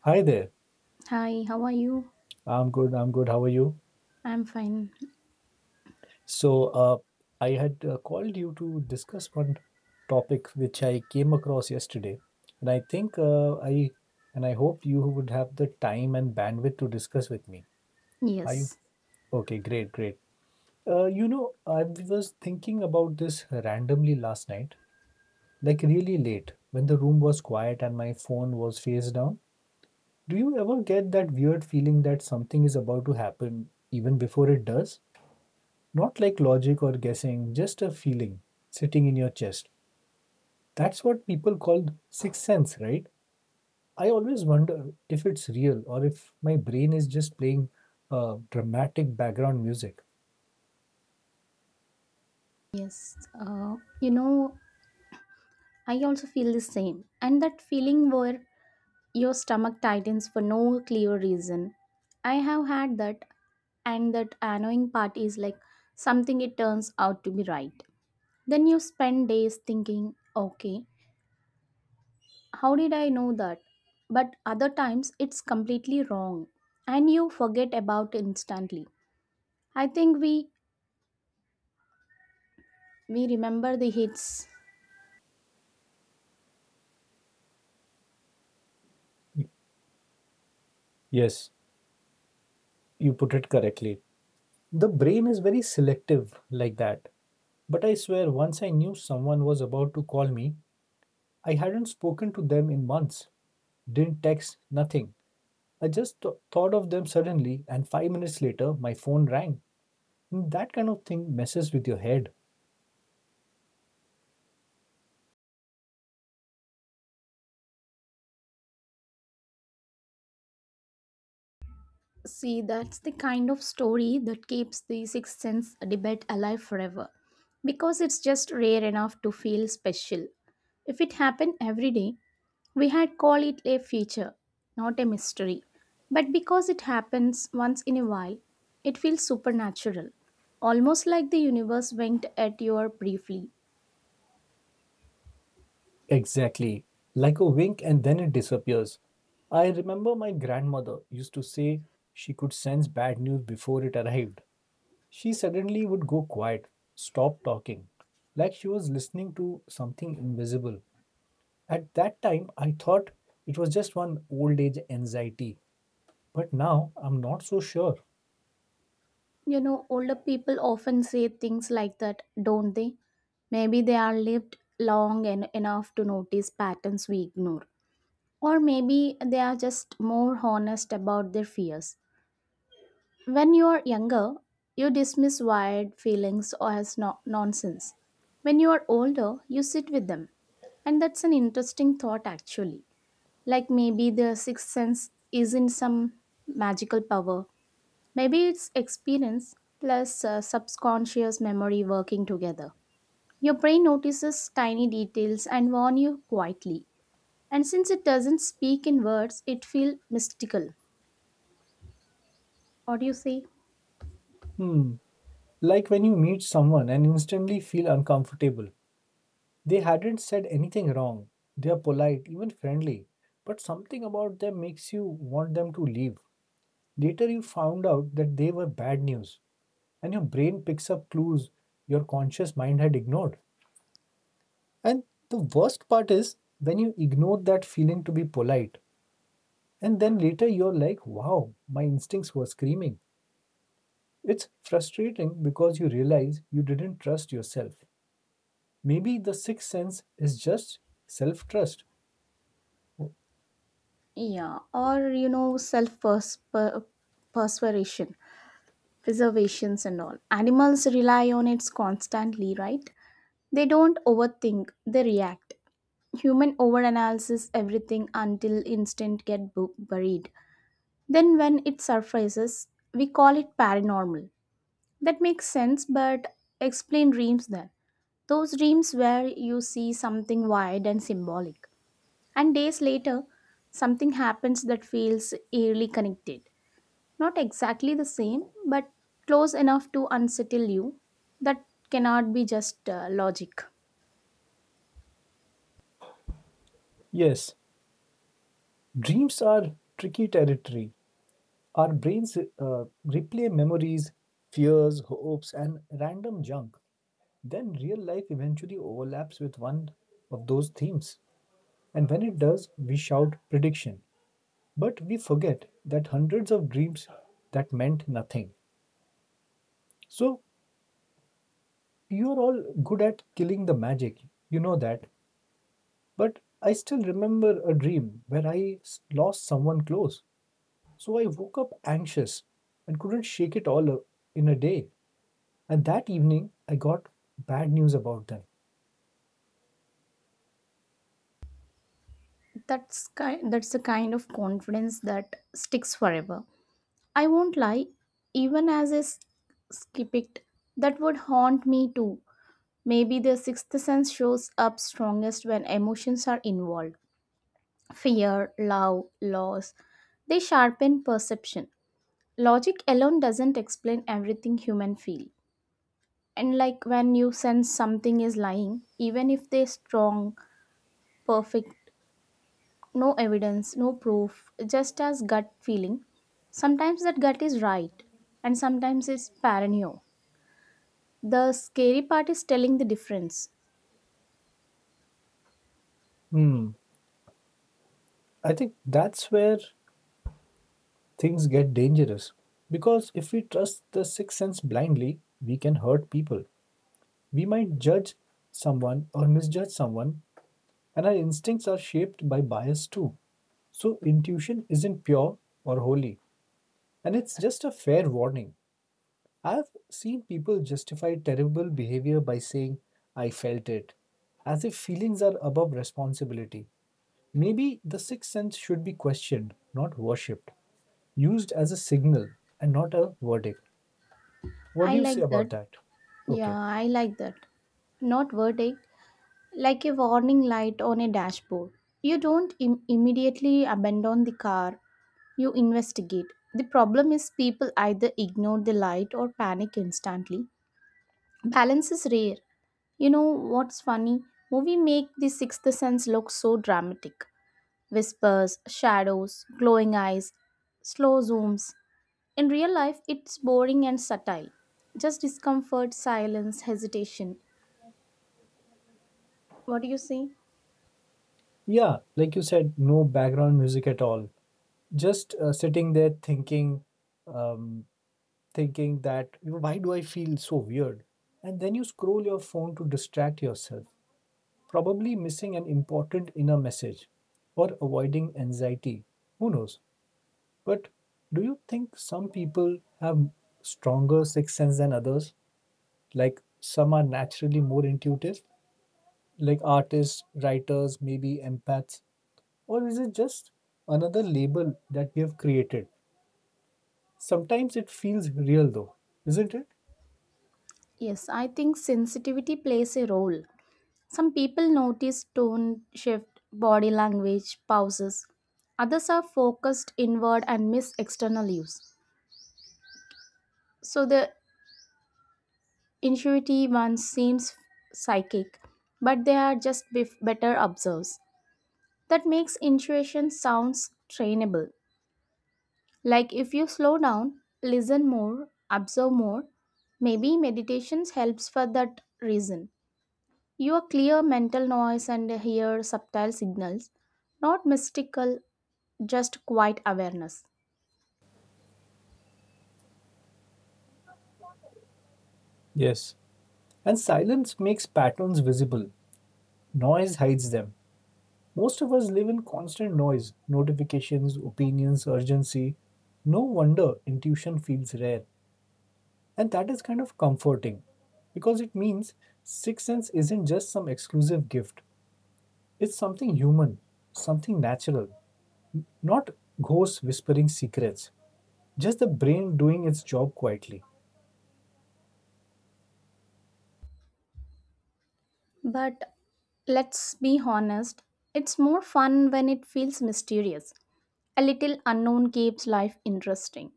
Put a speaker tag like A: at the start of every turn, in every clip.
A: Hi there.
B: Hi, how are you?
A: I'm good. I'm good. How are you?
B: I'm fine.
A: So, uh, I had called you to discuss one topic which I came across yesterday, and I think I and I hope you would have the time and bandwidth to discuss with me. Are you
B: Yes,
A: okay? Great, great. I was thinking about this randomly last night, like really late, when the room was quiet and my phone was face down. Do you ever get that weird feeling that something is about to happen even before it does? Not like logic or guessing, just a feeling sitting in your chest. That's what people call sixth sense, right? I always wonder if it's real or if my brain is just playing dramatic background music.
B: yes. Uh, you know, I also feel the same. And that feeling where your stomach tightens for no clear reason. I have had that, and that annoying part is like something it turns out to be right. Then you spend days thinking, okay, how did I know that? But other times it's completely wrong, and you forget about instantly. I think we remember the hits.
A: Yes, you put it correctly. The brain is very selective like that. But I swear, once I knew someone was about to call me, I hadn't spoken to them in months, didn't text, nothing. I just thought of them suddenly, and 5 minutes later, my phone rang. Mm, that kind of thing messes with your head.
B: See, that's the kind of story that keeps the Sixth Sense debate alive forever. Because it's just rare enough to feel special. If it happened every day, we had call it a feature, not a mystery. But because it happens once in a while, it feels supernatural. Almost like the universe winked at you briefly.
A: Exactly. Like a wink and then it disappears. I remember my grandmother used to say she could sense bad news before it arrived. She suddenly would go quiet, stop talking, like she was listening to something invisible. At that time, I thought it was just one old age anxiety, but now I'm not so sure.
B: You know, older people often say things like that, don't they? Maybe they are lived long enough to notice patterns we ignore. Or maybe they are just more honest about their fears. When you are younger, you dismiss wired feelings or as nonsense. When you are older, you sit with them. And that's an interesting thought, actually. Like maybe the sixth sense isn't some magical power, maybe it's experience plus subconscious memory working together. Your brain notices tiny details and warn you quietly. And since it doesn't speak in words, it feels mystical. What do you say?
A: Hmm, like when you meet someone and instantly feel uncomfortable. They hadn't said anything wrong. They're polite, even friendly. But something about them makes you want them to leave. Later, you found out that they were bad news. And your brain picks up clues your conscious mind had ignored. And the worst part is when you ignore that feeling to be polite. And then later, you're like, wow, my instincts were screaming. It's frustrating because you realize you didn't trust yourself. Maybe the sixth sense is just self trust.
B: Yeah, or you know, self persuasion, preservations, and all. Animals rely on it constantly, right? They don't overthink; they react. Human overanalysis everything until instinct get buried. Then, when it surfaces, we call it paranormal. That makes sense, but explain dreams then. Those dreams where you see something wide and symbolic. And days later, something happens that feels eerily connected. Not exactly the same, but close enough to unsettle you. That cannot be just logic.
A: Yes, dreams are tricky territory. Our brains replay memories, fears, hopes, and random junk. Then real life eventually overlaps with one of those themes. And when it does, we shout prediction. But we forget that hundreds of dreams that meant nothing. So you're all good at killing the magic. You know that. But I still remember a dream where lost someone close. So I woke up anxious and couldn't shake it all in a day. And that evening, I got bad news about them.
B: That's the kind of confidence that sticks forever. I won't lie, even as skip it, that would haunt me too. Maybe the sixth sense shows up strongest when emotions are involved: fear, love, loss. They sharpen perception. Logic alone doesn't explain everything human feel. And like when you sense something is lying, even if they strong, perfect, no evidence, no proof, just as gut feeling, sometimes that gut is right and sometimes it's paranoia. The scary part is telling the difference.
A: Hmm. I think that's where things get dangerous. Because if we trust the sixth sense blindly, we can hurt people. We might judge someone or misjudge someone, and our instincts are shaped by bias too. So, intuition isn't pure or holy, and it's just a fair warning. I've seen people justify terrible behavior by saying, I felt it, as if feelings are above responsibility. Maybe the sixth sense should be questioned, not worshipped, used as a signal and not a verdict. What do
B: I
A: you say
B: like that.
A: about that?
B: Yeah,
A: Okay.
B: I like that. Not verdict, like a warning light on a dashboard. You don't immediately abandon the car. You investigate. The problem is people either ignore the light or panic instantly. Balance is rare. You know what's funny? Movie make the sixth sense look so dramatic. Whispers, shadows, glowing eyes, slow zooms. In real life, it's boring and subtle. Just discomfort, silence, hesitation. What do you say?
A: Yeah, like you said, no background music at all. Just sitting there thinking, um, thinking that why do I feel so weird? And then you scroll your phone to distract yourself, probably missing an important inner message or avoiding anxiety. Who knows? But do you think some people have stronger sixth sense than others? Like some are naturally more intuitive, like artists, writers, maybe empaths? Or is it just another label that we have created? Sometimes it feels real though, isn't it?
B: Yes, I think sensitivity plays a role. Some people notice tone shift, body language, pauses. Others are focused inward and miss external use. So the intuitive one seems psychic, but they are just better observers. That makes intuition sounds trainable. Like if you slow down, listen more, observe more, maybe meditations helps for that reason. You are clear mental noise and hear subtle signals, not mystical, just quiet awareness.
A: Yes. And silence makes patterns visible, noise hides them. Most of us live in constant noise, notifications, opinions, urgency. No wonder intuition feels rare. And that is kind of comforting because it means sixth sense isn't just some exclusive gift. It's something human, something natural, not ghosts whispering secrets, just the brain doing its job quietly.
B: But let's be honest, it's more fun when it feels mysterious. A little unknown keeps life interesting.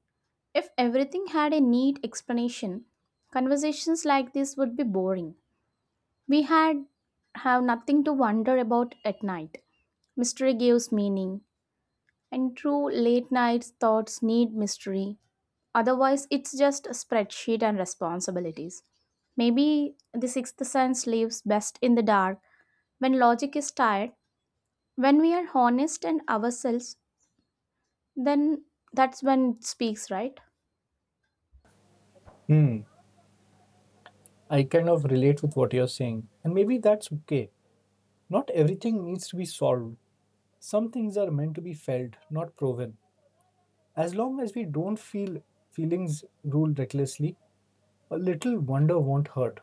B: If everything had a neat explanation, conversations like this would be boring. We had have nothing to wonder about at night. Mystery gives meaning, and true, late night thoughts need mystery. Otherwise, it's just a spreadsheet and responsibilities. Maybe the sixth sense lives best in the dark when logic is tired. When we are honest and ourselves, then that's when it speaks, right?
A: Hmm, I kind of relate with what you're saying. And maybe that's okay. Not everything needs to be solved. Some things are meant to be felt, not proven. As long as we don't feelings rule recklessly, a little wonder won't hurt.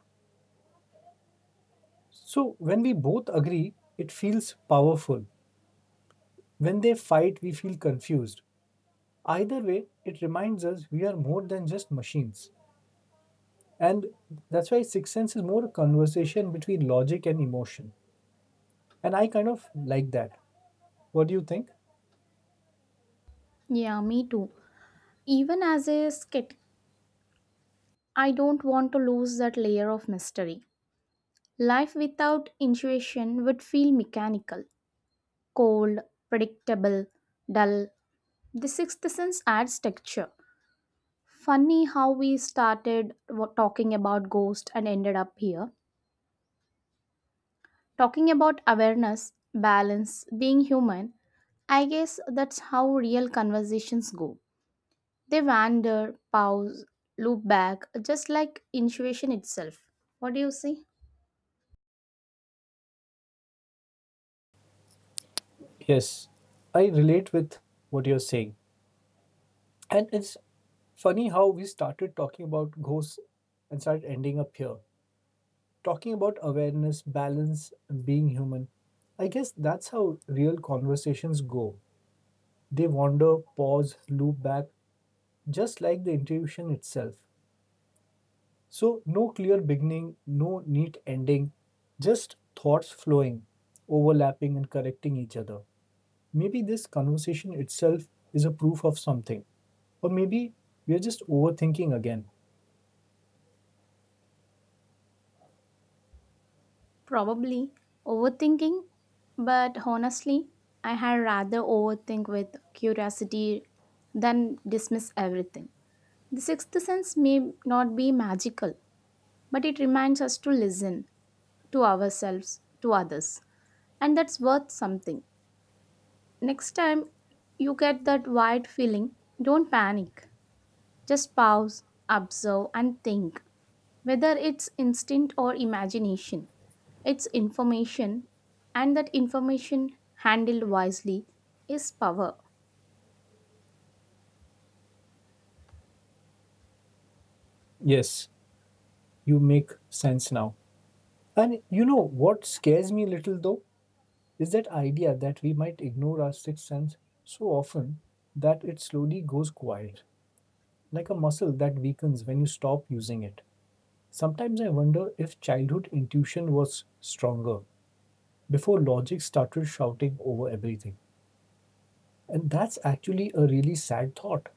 A: So, when we both agree, it feels powerful. When they fight, we feel confused. Either way, it reminds us we are more than just machines. And that's why sixth sense is more a conversation between logic and emotion. And I kind of like that. What do you think?
B: Yeah, me too. Even as a skit, I don't want to lose that layer of mystery. Life without intuition would feel mechanical, cold, predictable, dull. The sixth sense adds texture. Funny how we started talking about ghost and ended up here. Talking about awareness, balance, being human. I guess that's how real conversations go. They wander, pause, loop back, just like intuition itself. What do you say?
A: Yes, I relate with what you're saying. And it's funny how we started talking about ghosts and started ending up here. Talking about awareness, balance, and being human. I guess that's how real conversations go. They wander, pause, loop back, just like the intuition itself. So, no clear beginning, no neat ending, just thoughts flowing, overlapping, and correcting each other. Maybe this conversation itself is a proof of something, or maybe we are just overthinking again.
B: Probably overthinking, but honestly, I had rather overthink with curiosity than dismiss everything. The sixth sense may not be magical, but it reminds us to listen to ourselves, to others, and that's worth something. Next time you get that wide feeling, don't panic. Just pause, observe, and think. Whether it's instinct or imagination, it's information, and that information handled wisely is power.
A: Yes, you make sense now. And you know what scares me a little though is that idea that we might ignore our sixth sense so often that it slowly goes quiet, like a muscle that weakens when you stop using it. Sometimes I wonder if childhood intuition was stronger before logic started shouting over everything. And that's actually a really sad thought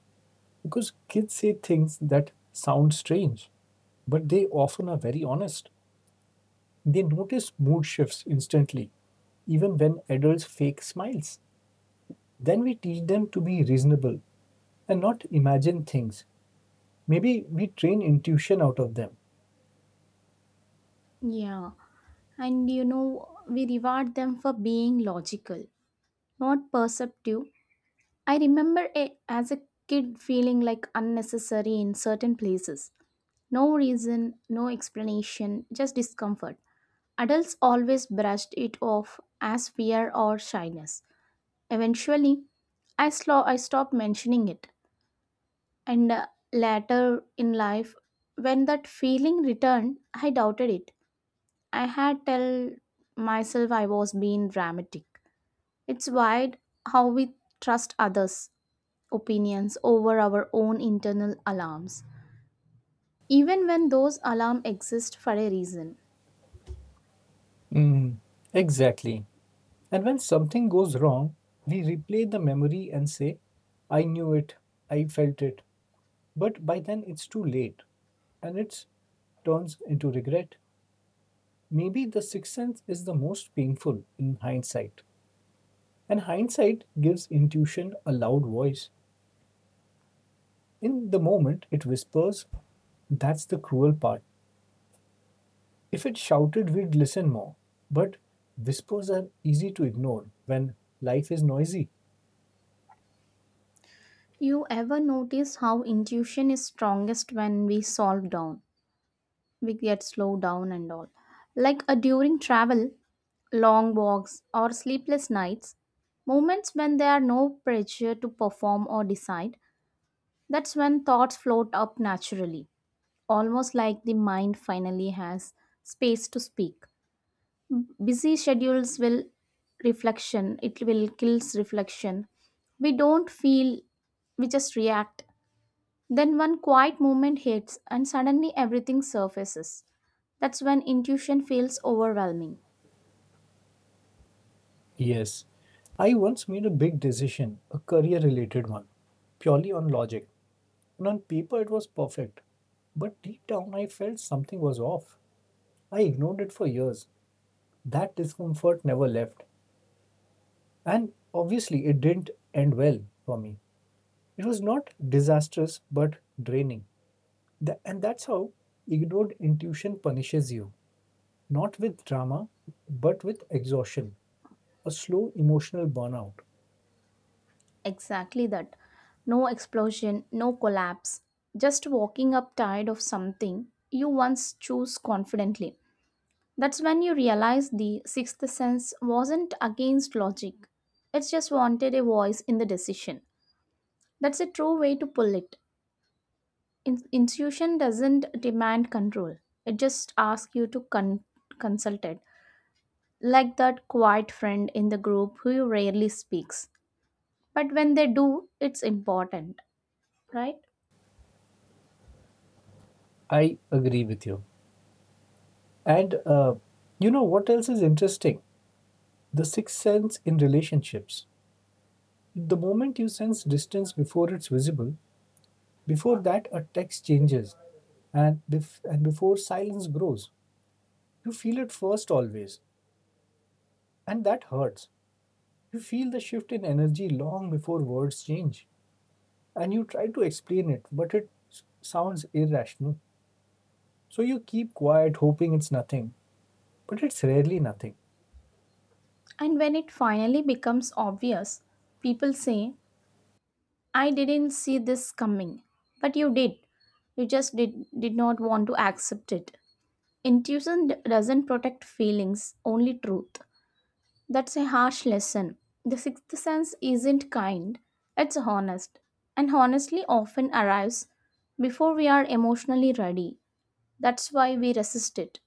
A: because kids say things that sound strange, but they often are very honest. They notice mood shifts instantly, even when adults fake smiles. Then we teach them to be reasonable and not imagine things. Maybe we train intuition out of them.
B: Yeah, and you know, we reward them for being logical, not perceptive. I remember a, as a kid feeling like unnecessary in certain places. No reason, no explanation, just discomfort. Adults always brushed it off as fear or shyness. Eventually, I, slow, I stopped mentioning it. And later in life, when that feeling returned, I doubted it. I had tell myself I was being dramatic. It's wide how we trust others opinions over our own internal alarms, even when those alarms exist for a reason.
A: Mm, exactly. And when something goes wrong, we replay the memory and say, I knew it, I felt it. But by then it's too late and it turns into regret. Maybe the sixth sense is the most painful in hindsight. And hindsight gives intuition a loud voice. In the moment, it whispers, that's the cruel part. If it shouted, we'd listen more. But whispers are easy to ignore when life is noisy.
B: You ever notice how intuition is strongest when we solve down? We get slowed down and all. Like during travel, long walks, or sleepless nights, moments when there are no pressure to perform or decide, that's when thoughts float up naturally, almost like the mind finally has space to speak. Busy schedules will reflection, it will kills reflection. We don't feel, we just react. Then one quiet moment hits and suddenly everything surfaces. That's when intuition feels overwhelming.
A: Yes, I once made a big decision, a career related one, purely on logic. And on paper, it was perfect. But deep down, I felt something was off. I ignored it for years. That discomfort never left. And obviously, it didn't end well for me. It was not disastrous, but draining. And that's how ignored intuition punishes you, not with drama, but with exhaustion, a slow emotional burnout.
B: Exactly that. No explosion, no collapse, just walking up tired of something you once chose confidently. That's when you realize the sixth sense wasn't against logic, it just wanted a voice in the decision. That's a true way to pull it. Intuition doesn't demand control, it just asks you to consult it. Like that quiet friend in the group who rarely speaks. But when they do, it's important, right?
A: I agree with you. And you know what else is interesting? The sixth sense in relationships. The moment you sense distance before it's visible, before that a text changes, and before silence grows, you feel it first always, and that hurts. You feel the shift in energy long before words change, and you try to explain it, but it sounds irrational. So you keep quiet, hoping it's nothing, but it's rarely nothing.
B: And when it finally becomes obvious, people say, I didn't see this coming. But you did. You just did not want to accept it. Intuition doesn't protect feelings, only truth. That's a harsh lesson. The sixth sense isn't kind, it's honest. And honestly, often arrives before we are emotionally ready. That's why we resist it.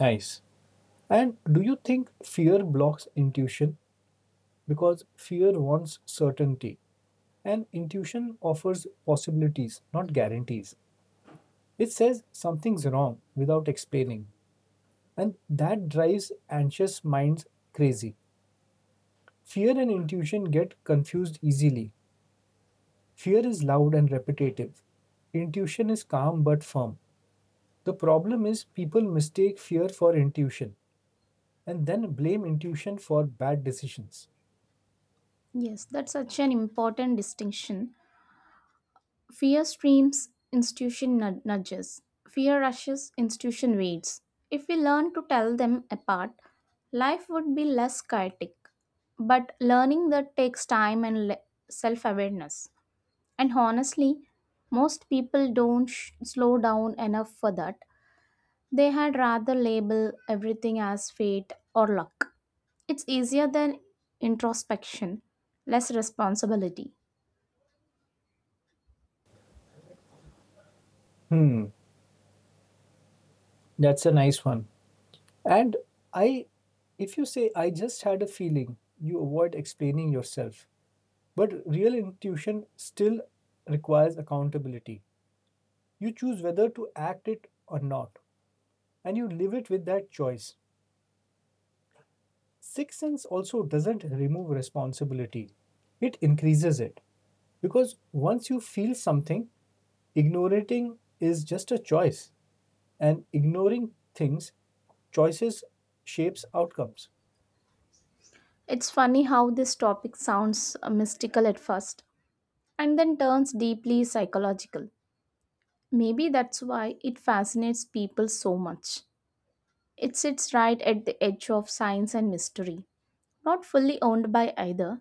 A: Nice. And do you think fear blocks intuition? Because fear wants certainty and intuition offers possibilities, not guarantees. It says something's wrong without explaining, and that drives anxious minds crazy. Fear and intuition get confused easily. Fear is loud and repetitive. Intuition is calm but firm. The problem is people mistake fear for intuition and then blame intuition for bad decisions.
B: Yes, that's such an important distinction. Fear streams, institution nudges. Fear rushes, institution waits. If we learn to tell them apart, life would be less chaotic. But learning that takes time and self awareness. And honestly, most people don't slow down enough for that. They had rather label everything as fate or luck. It's easier than introspection, less responsibility.
A: Hmm, that's a nice one. And I, if you say, I just had a feeling, you avoid explaining yourself. But real intuition still requires accountability. You choose whether to act it or not, and you live it with that choice. Sixth sense also doesn't remove responsibility, it increases it. Because once you feel something, ignoring is just a choice and ignoring things choices shapes outcomes.
B: It's funny how this topic sounds mystical at first and then turns deeply psychological. Maybe that's why it fascinates people so much. It sits right at the edge of science and mystery, not fully owned by either.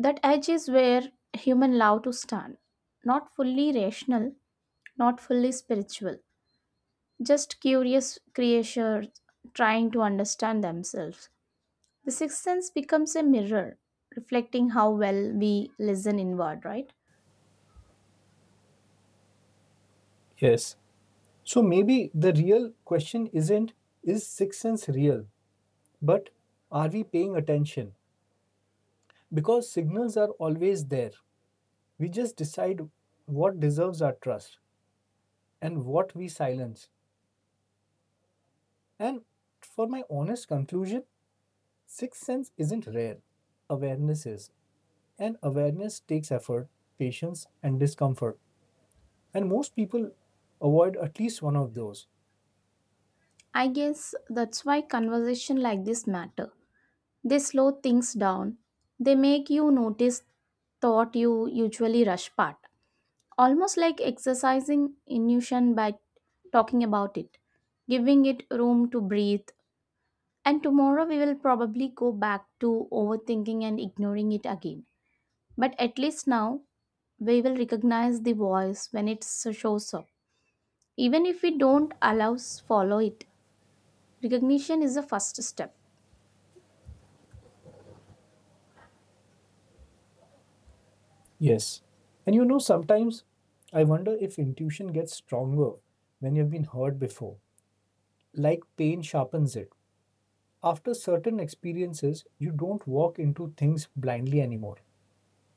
B: That edge is where human love to stand. Not fully rational, not fully spiritual, just curious creatures trying to understand themselves. The sixth sense becomes a mirror, reflecting how well we listen inward, right?
A: Yes. So maybe the real question isn't is sixth sense real, but are we paying attention? Because signals are always there. We just decide what deserves our trust and what we silence. And for my honest conclusion, sixth sense isn't rare. Awareness is. And awareness takes effort, patience, and discomfort. And most people avoid at least one of those.
B: I guess that's why conversation like this matter. They slow things down. They make you notice thought you usually rush part. Almost like exercising intuition by talking about it, giving it room to breathe. And tomorrow we will probably go back to overthinking and ignoring it again. But at least now we will recognize the voice when it shows up. Even if we don't allow follow it, recognition is the first step.
A: Yes. And you know, sometimes I wonder if intuition gets stronger when you've been hurt before. Like pain sharpens it. After certain experiences, you don't walk into things blindly anymore.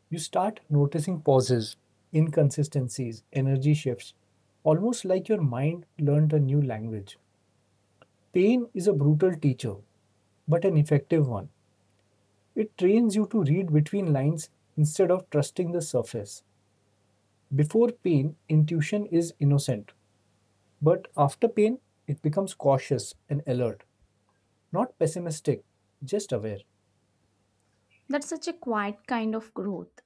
A: You start noticing pauses, inconsistencies, energy shifts, almost like your mind learned a new language. Pain is a brutal teacher, but an effective one. It trains you to read between lines instead of trusting the surface. Before pain, intuition is innocent. But after pain, it becomes cautious and alert, not pessimistic, just aware.
B: That's such a quiet kind of growth,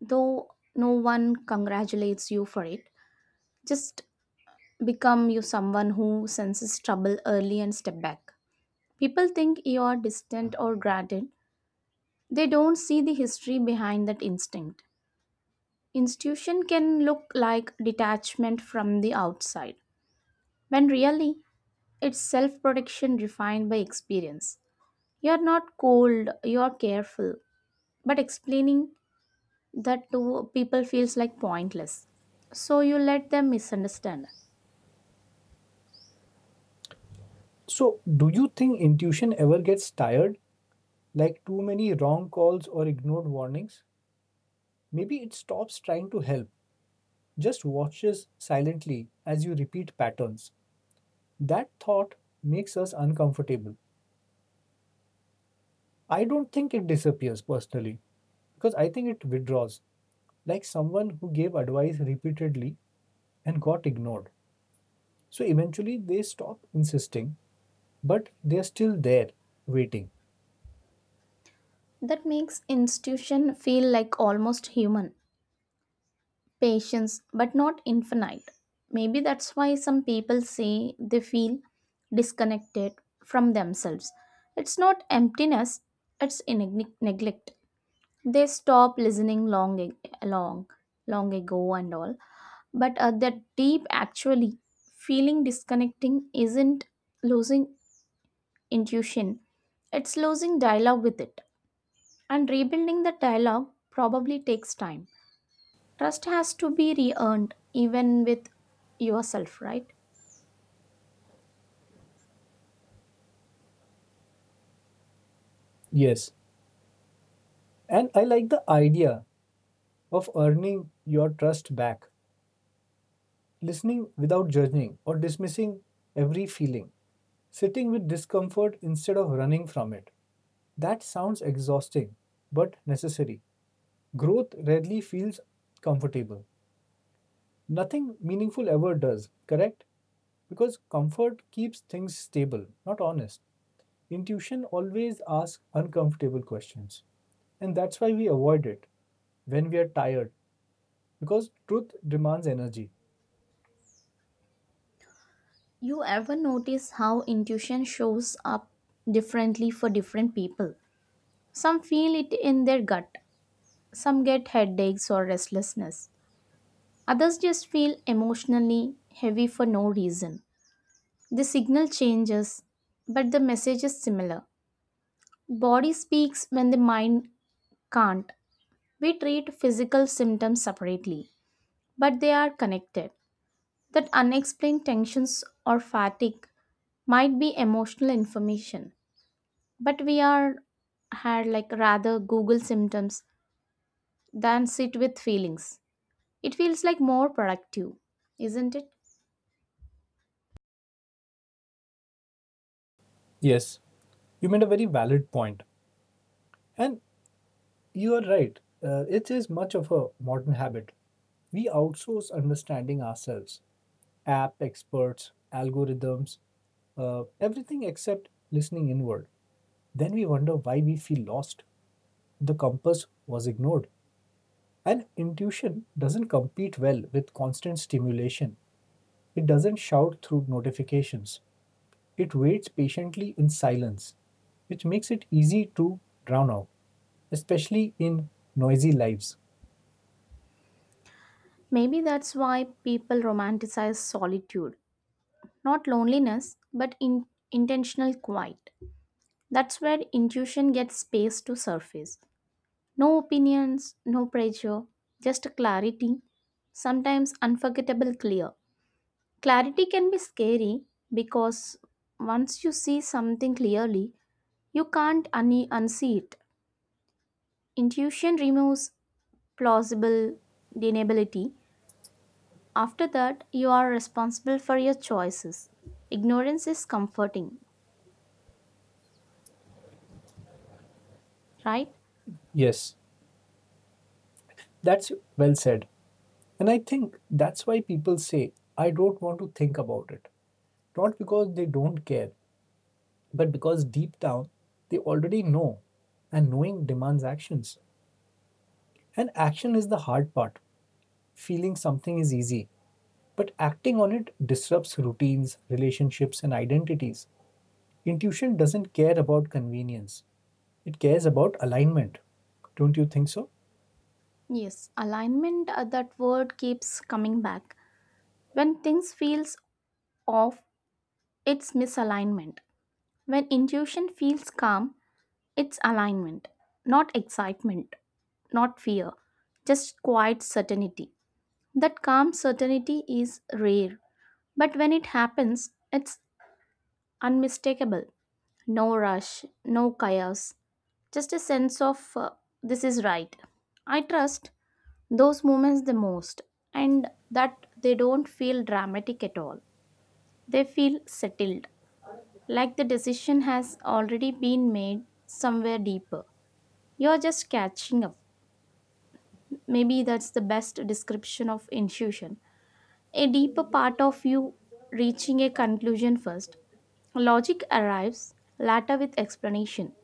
B: though no one congratulates you for it, just become you someone who senses trouble early and step back. People think you are distant or guarded. They don't see the history behind that instinct. Institution can look like detachment from the outside, when really it's self protection refined by experience. You are not cold, you are careful, but explaining that to people feels like pointless. So you let them misunderstand.
A: So, do you think intuition ever gets tired, like too many wrong calls or ignored warnings? Maybe it stops trying to help, just watches silently as you repeat patterns. That thought makes us uncomfortable. I don't think it disappears personally, because I think it withdraws, like someone who gave advice repeatedly and got ignored. So, eventually, they stop insisting but they're still there waiting.
B: That makes institution feel like almost human patience, but not infinite. Maybe that's why some people say they feel disconnected from themselves. It's not emptiness, it's in neglect. They stop listening long ag- long long ago and all. But that deep actually feeling disconnecting isn't losing intuition, it's losing dialogue with it, and rebuilding the dialogue probably takes time. Trust has to be re earned, even with yourself, right?
A: Yes. And I like the idea of earning your trust back, listening without judging or dismissing every feeling, sitting with discomfort instead of running from it. That sounds exhausting but necessary. Growth rarely feels comfortable. Nothing meaningful ever does, correct? Because comfort keeps things stable, not honest. Intuition always asks uncomfortable questions. And that's why we avoid it when we are tired, because truth demands energy.
B: You ever notice how intuition shows up differently for different people? Some feel it in their gut, some get headaches or restlessness, others just feel emotionally heavy for no reason. The signal changes, but the message is similar. Body speaks when the mind can't. We treat physical symptoms separately, but they are connected. That unexplained tensions or fatigue might be emotional information, but we are had like rather google symptoms than sit with feelings. It feels like more productive, isn't it?
A: Yes, you made a very valid point. And you are right. It is much of a modern habit. We outsource understanding ourselves. App experts, algorithms, everything except listening inward. Then we wonder why we feel lost. The compass was ignored. And intuition doesn't compete well with constant stimulation. It doesn't shout through notifications. It waits patiently in silence, which makes it easy to drown out, especially in noisy lives.
B: Maybe that's why people romanticize solitude, not loneliness, but in intentional quiet. That's where intuition gets space to surface. No opinions, no pressure, just clarity, sometimes unforgettable clear. Clarity can be scary because once you see something clearly, you can't unsee it. Intuition removes plausible deniability. After that, you are responsible for your choices. Ignorance is comforting, right?
A: Yes, that's well said. And I think that's why people say, I don't want to think about it. Not because they don't care, but because deep down, they already know, and knowing demands actions. And action is the hard part. Feeling something is easy, but acting on it disrupts routines, relationships, and identities. Intuition doesn't care about convenience, it cares about alignment. Don't you think so?
B: Yes, alignment, that word keeps coming back. When things feels off, it's misalignment. When intuition feels calm, it's alignment, not excitement, not fear, just quiet certainty. That calm certainty is rare, but when it happens, it's unmistakable. No rush, no chaos, just a sense of this is right. I trust those moments the most, and that they don't feel dramatic at all. They feel settled, like the decision has already been made somewhere deeper. You're just catching up. Maybe that's the best description of intuition. A deeper part of you reaching a conclusion first. Logic arrives later with explanation.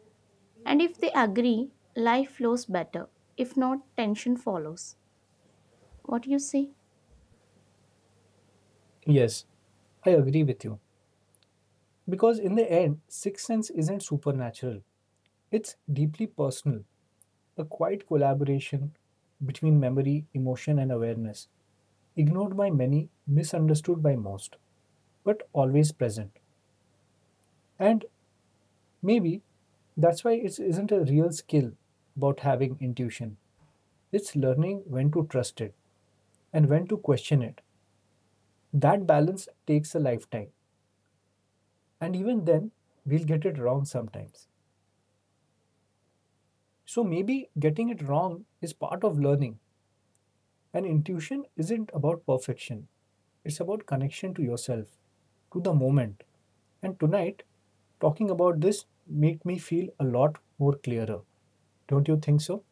B: And if they agree, life flows better. If not, tension follows. What do you say?
A: Yes, I agree with you. Because in the end, sixth sense isn't supernatural, it's deeply personal, a quiet collaboration between memory, emotion, and awareness. Ignored by many, misunderstood by most, but always present. And maybe that's why it isn't a real skill about having intuition. It's learning when to trust it and when to question it. That balance takes a lifetime. And even then, we'll get it wrong sometimes. So maybe getting it wrong is part of learning. And intuition isn't about perfection, it's about connection to yourself, to the moment. And tonight, talking about this made me feel a lot more clearer. Don't you think so?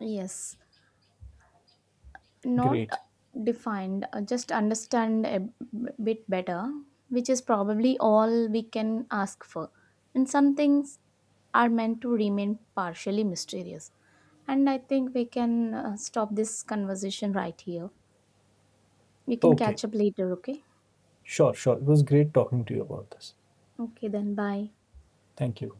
B: Yes, not
A: Great.
B: defined just understand a bit better, which is probably all we can ask for. And some things are meant to remain partially mysterious, and I think we can stop this conversation right here. We can
A: Okay.
B: catch up later, okay?
A: Sure, sure. It was great talking to you about this.
B: Okay, then bye.
A: Thank you.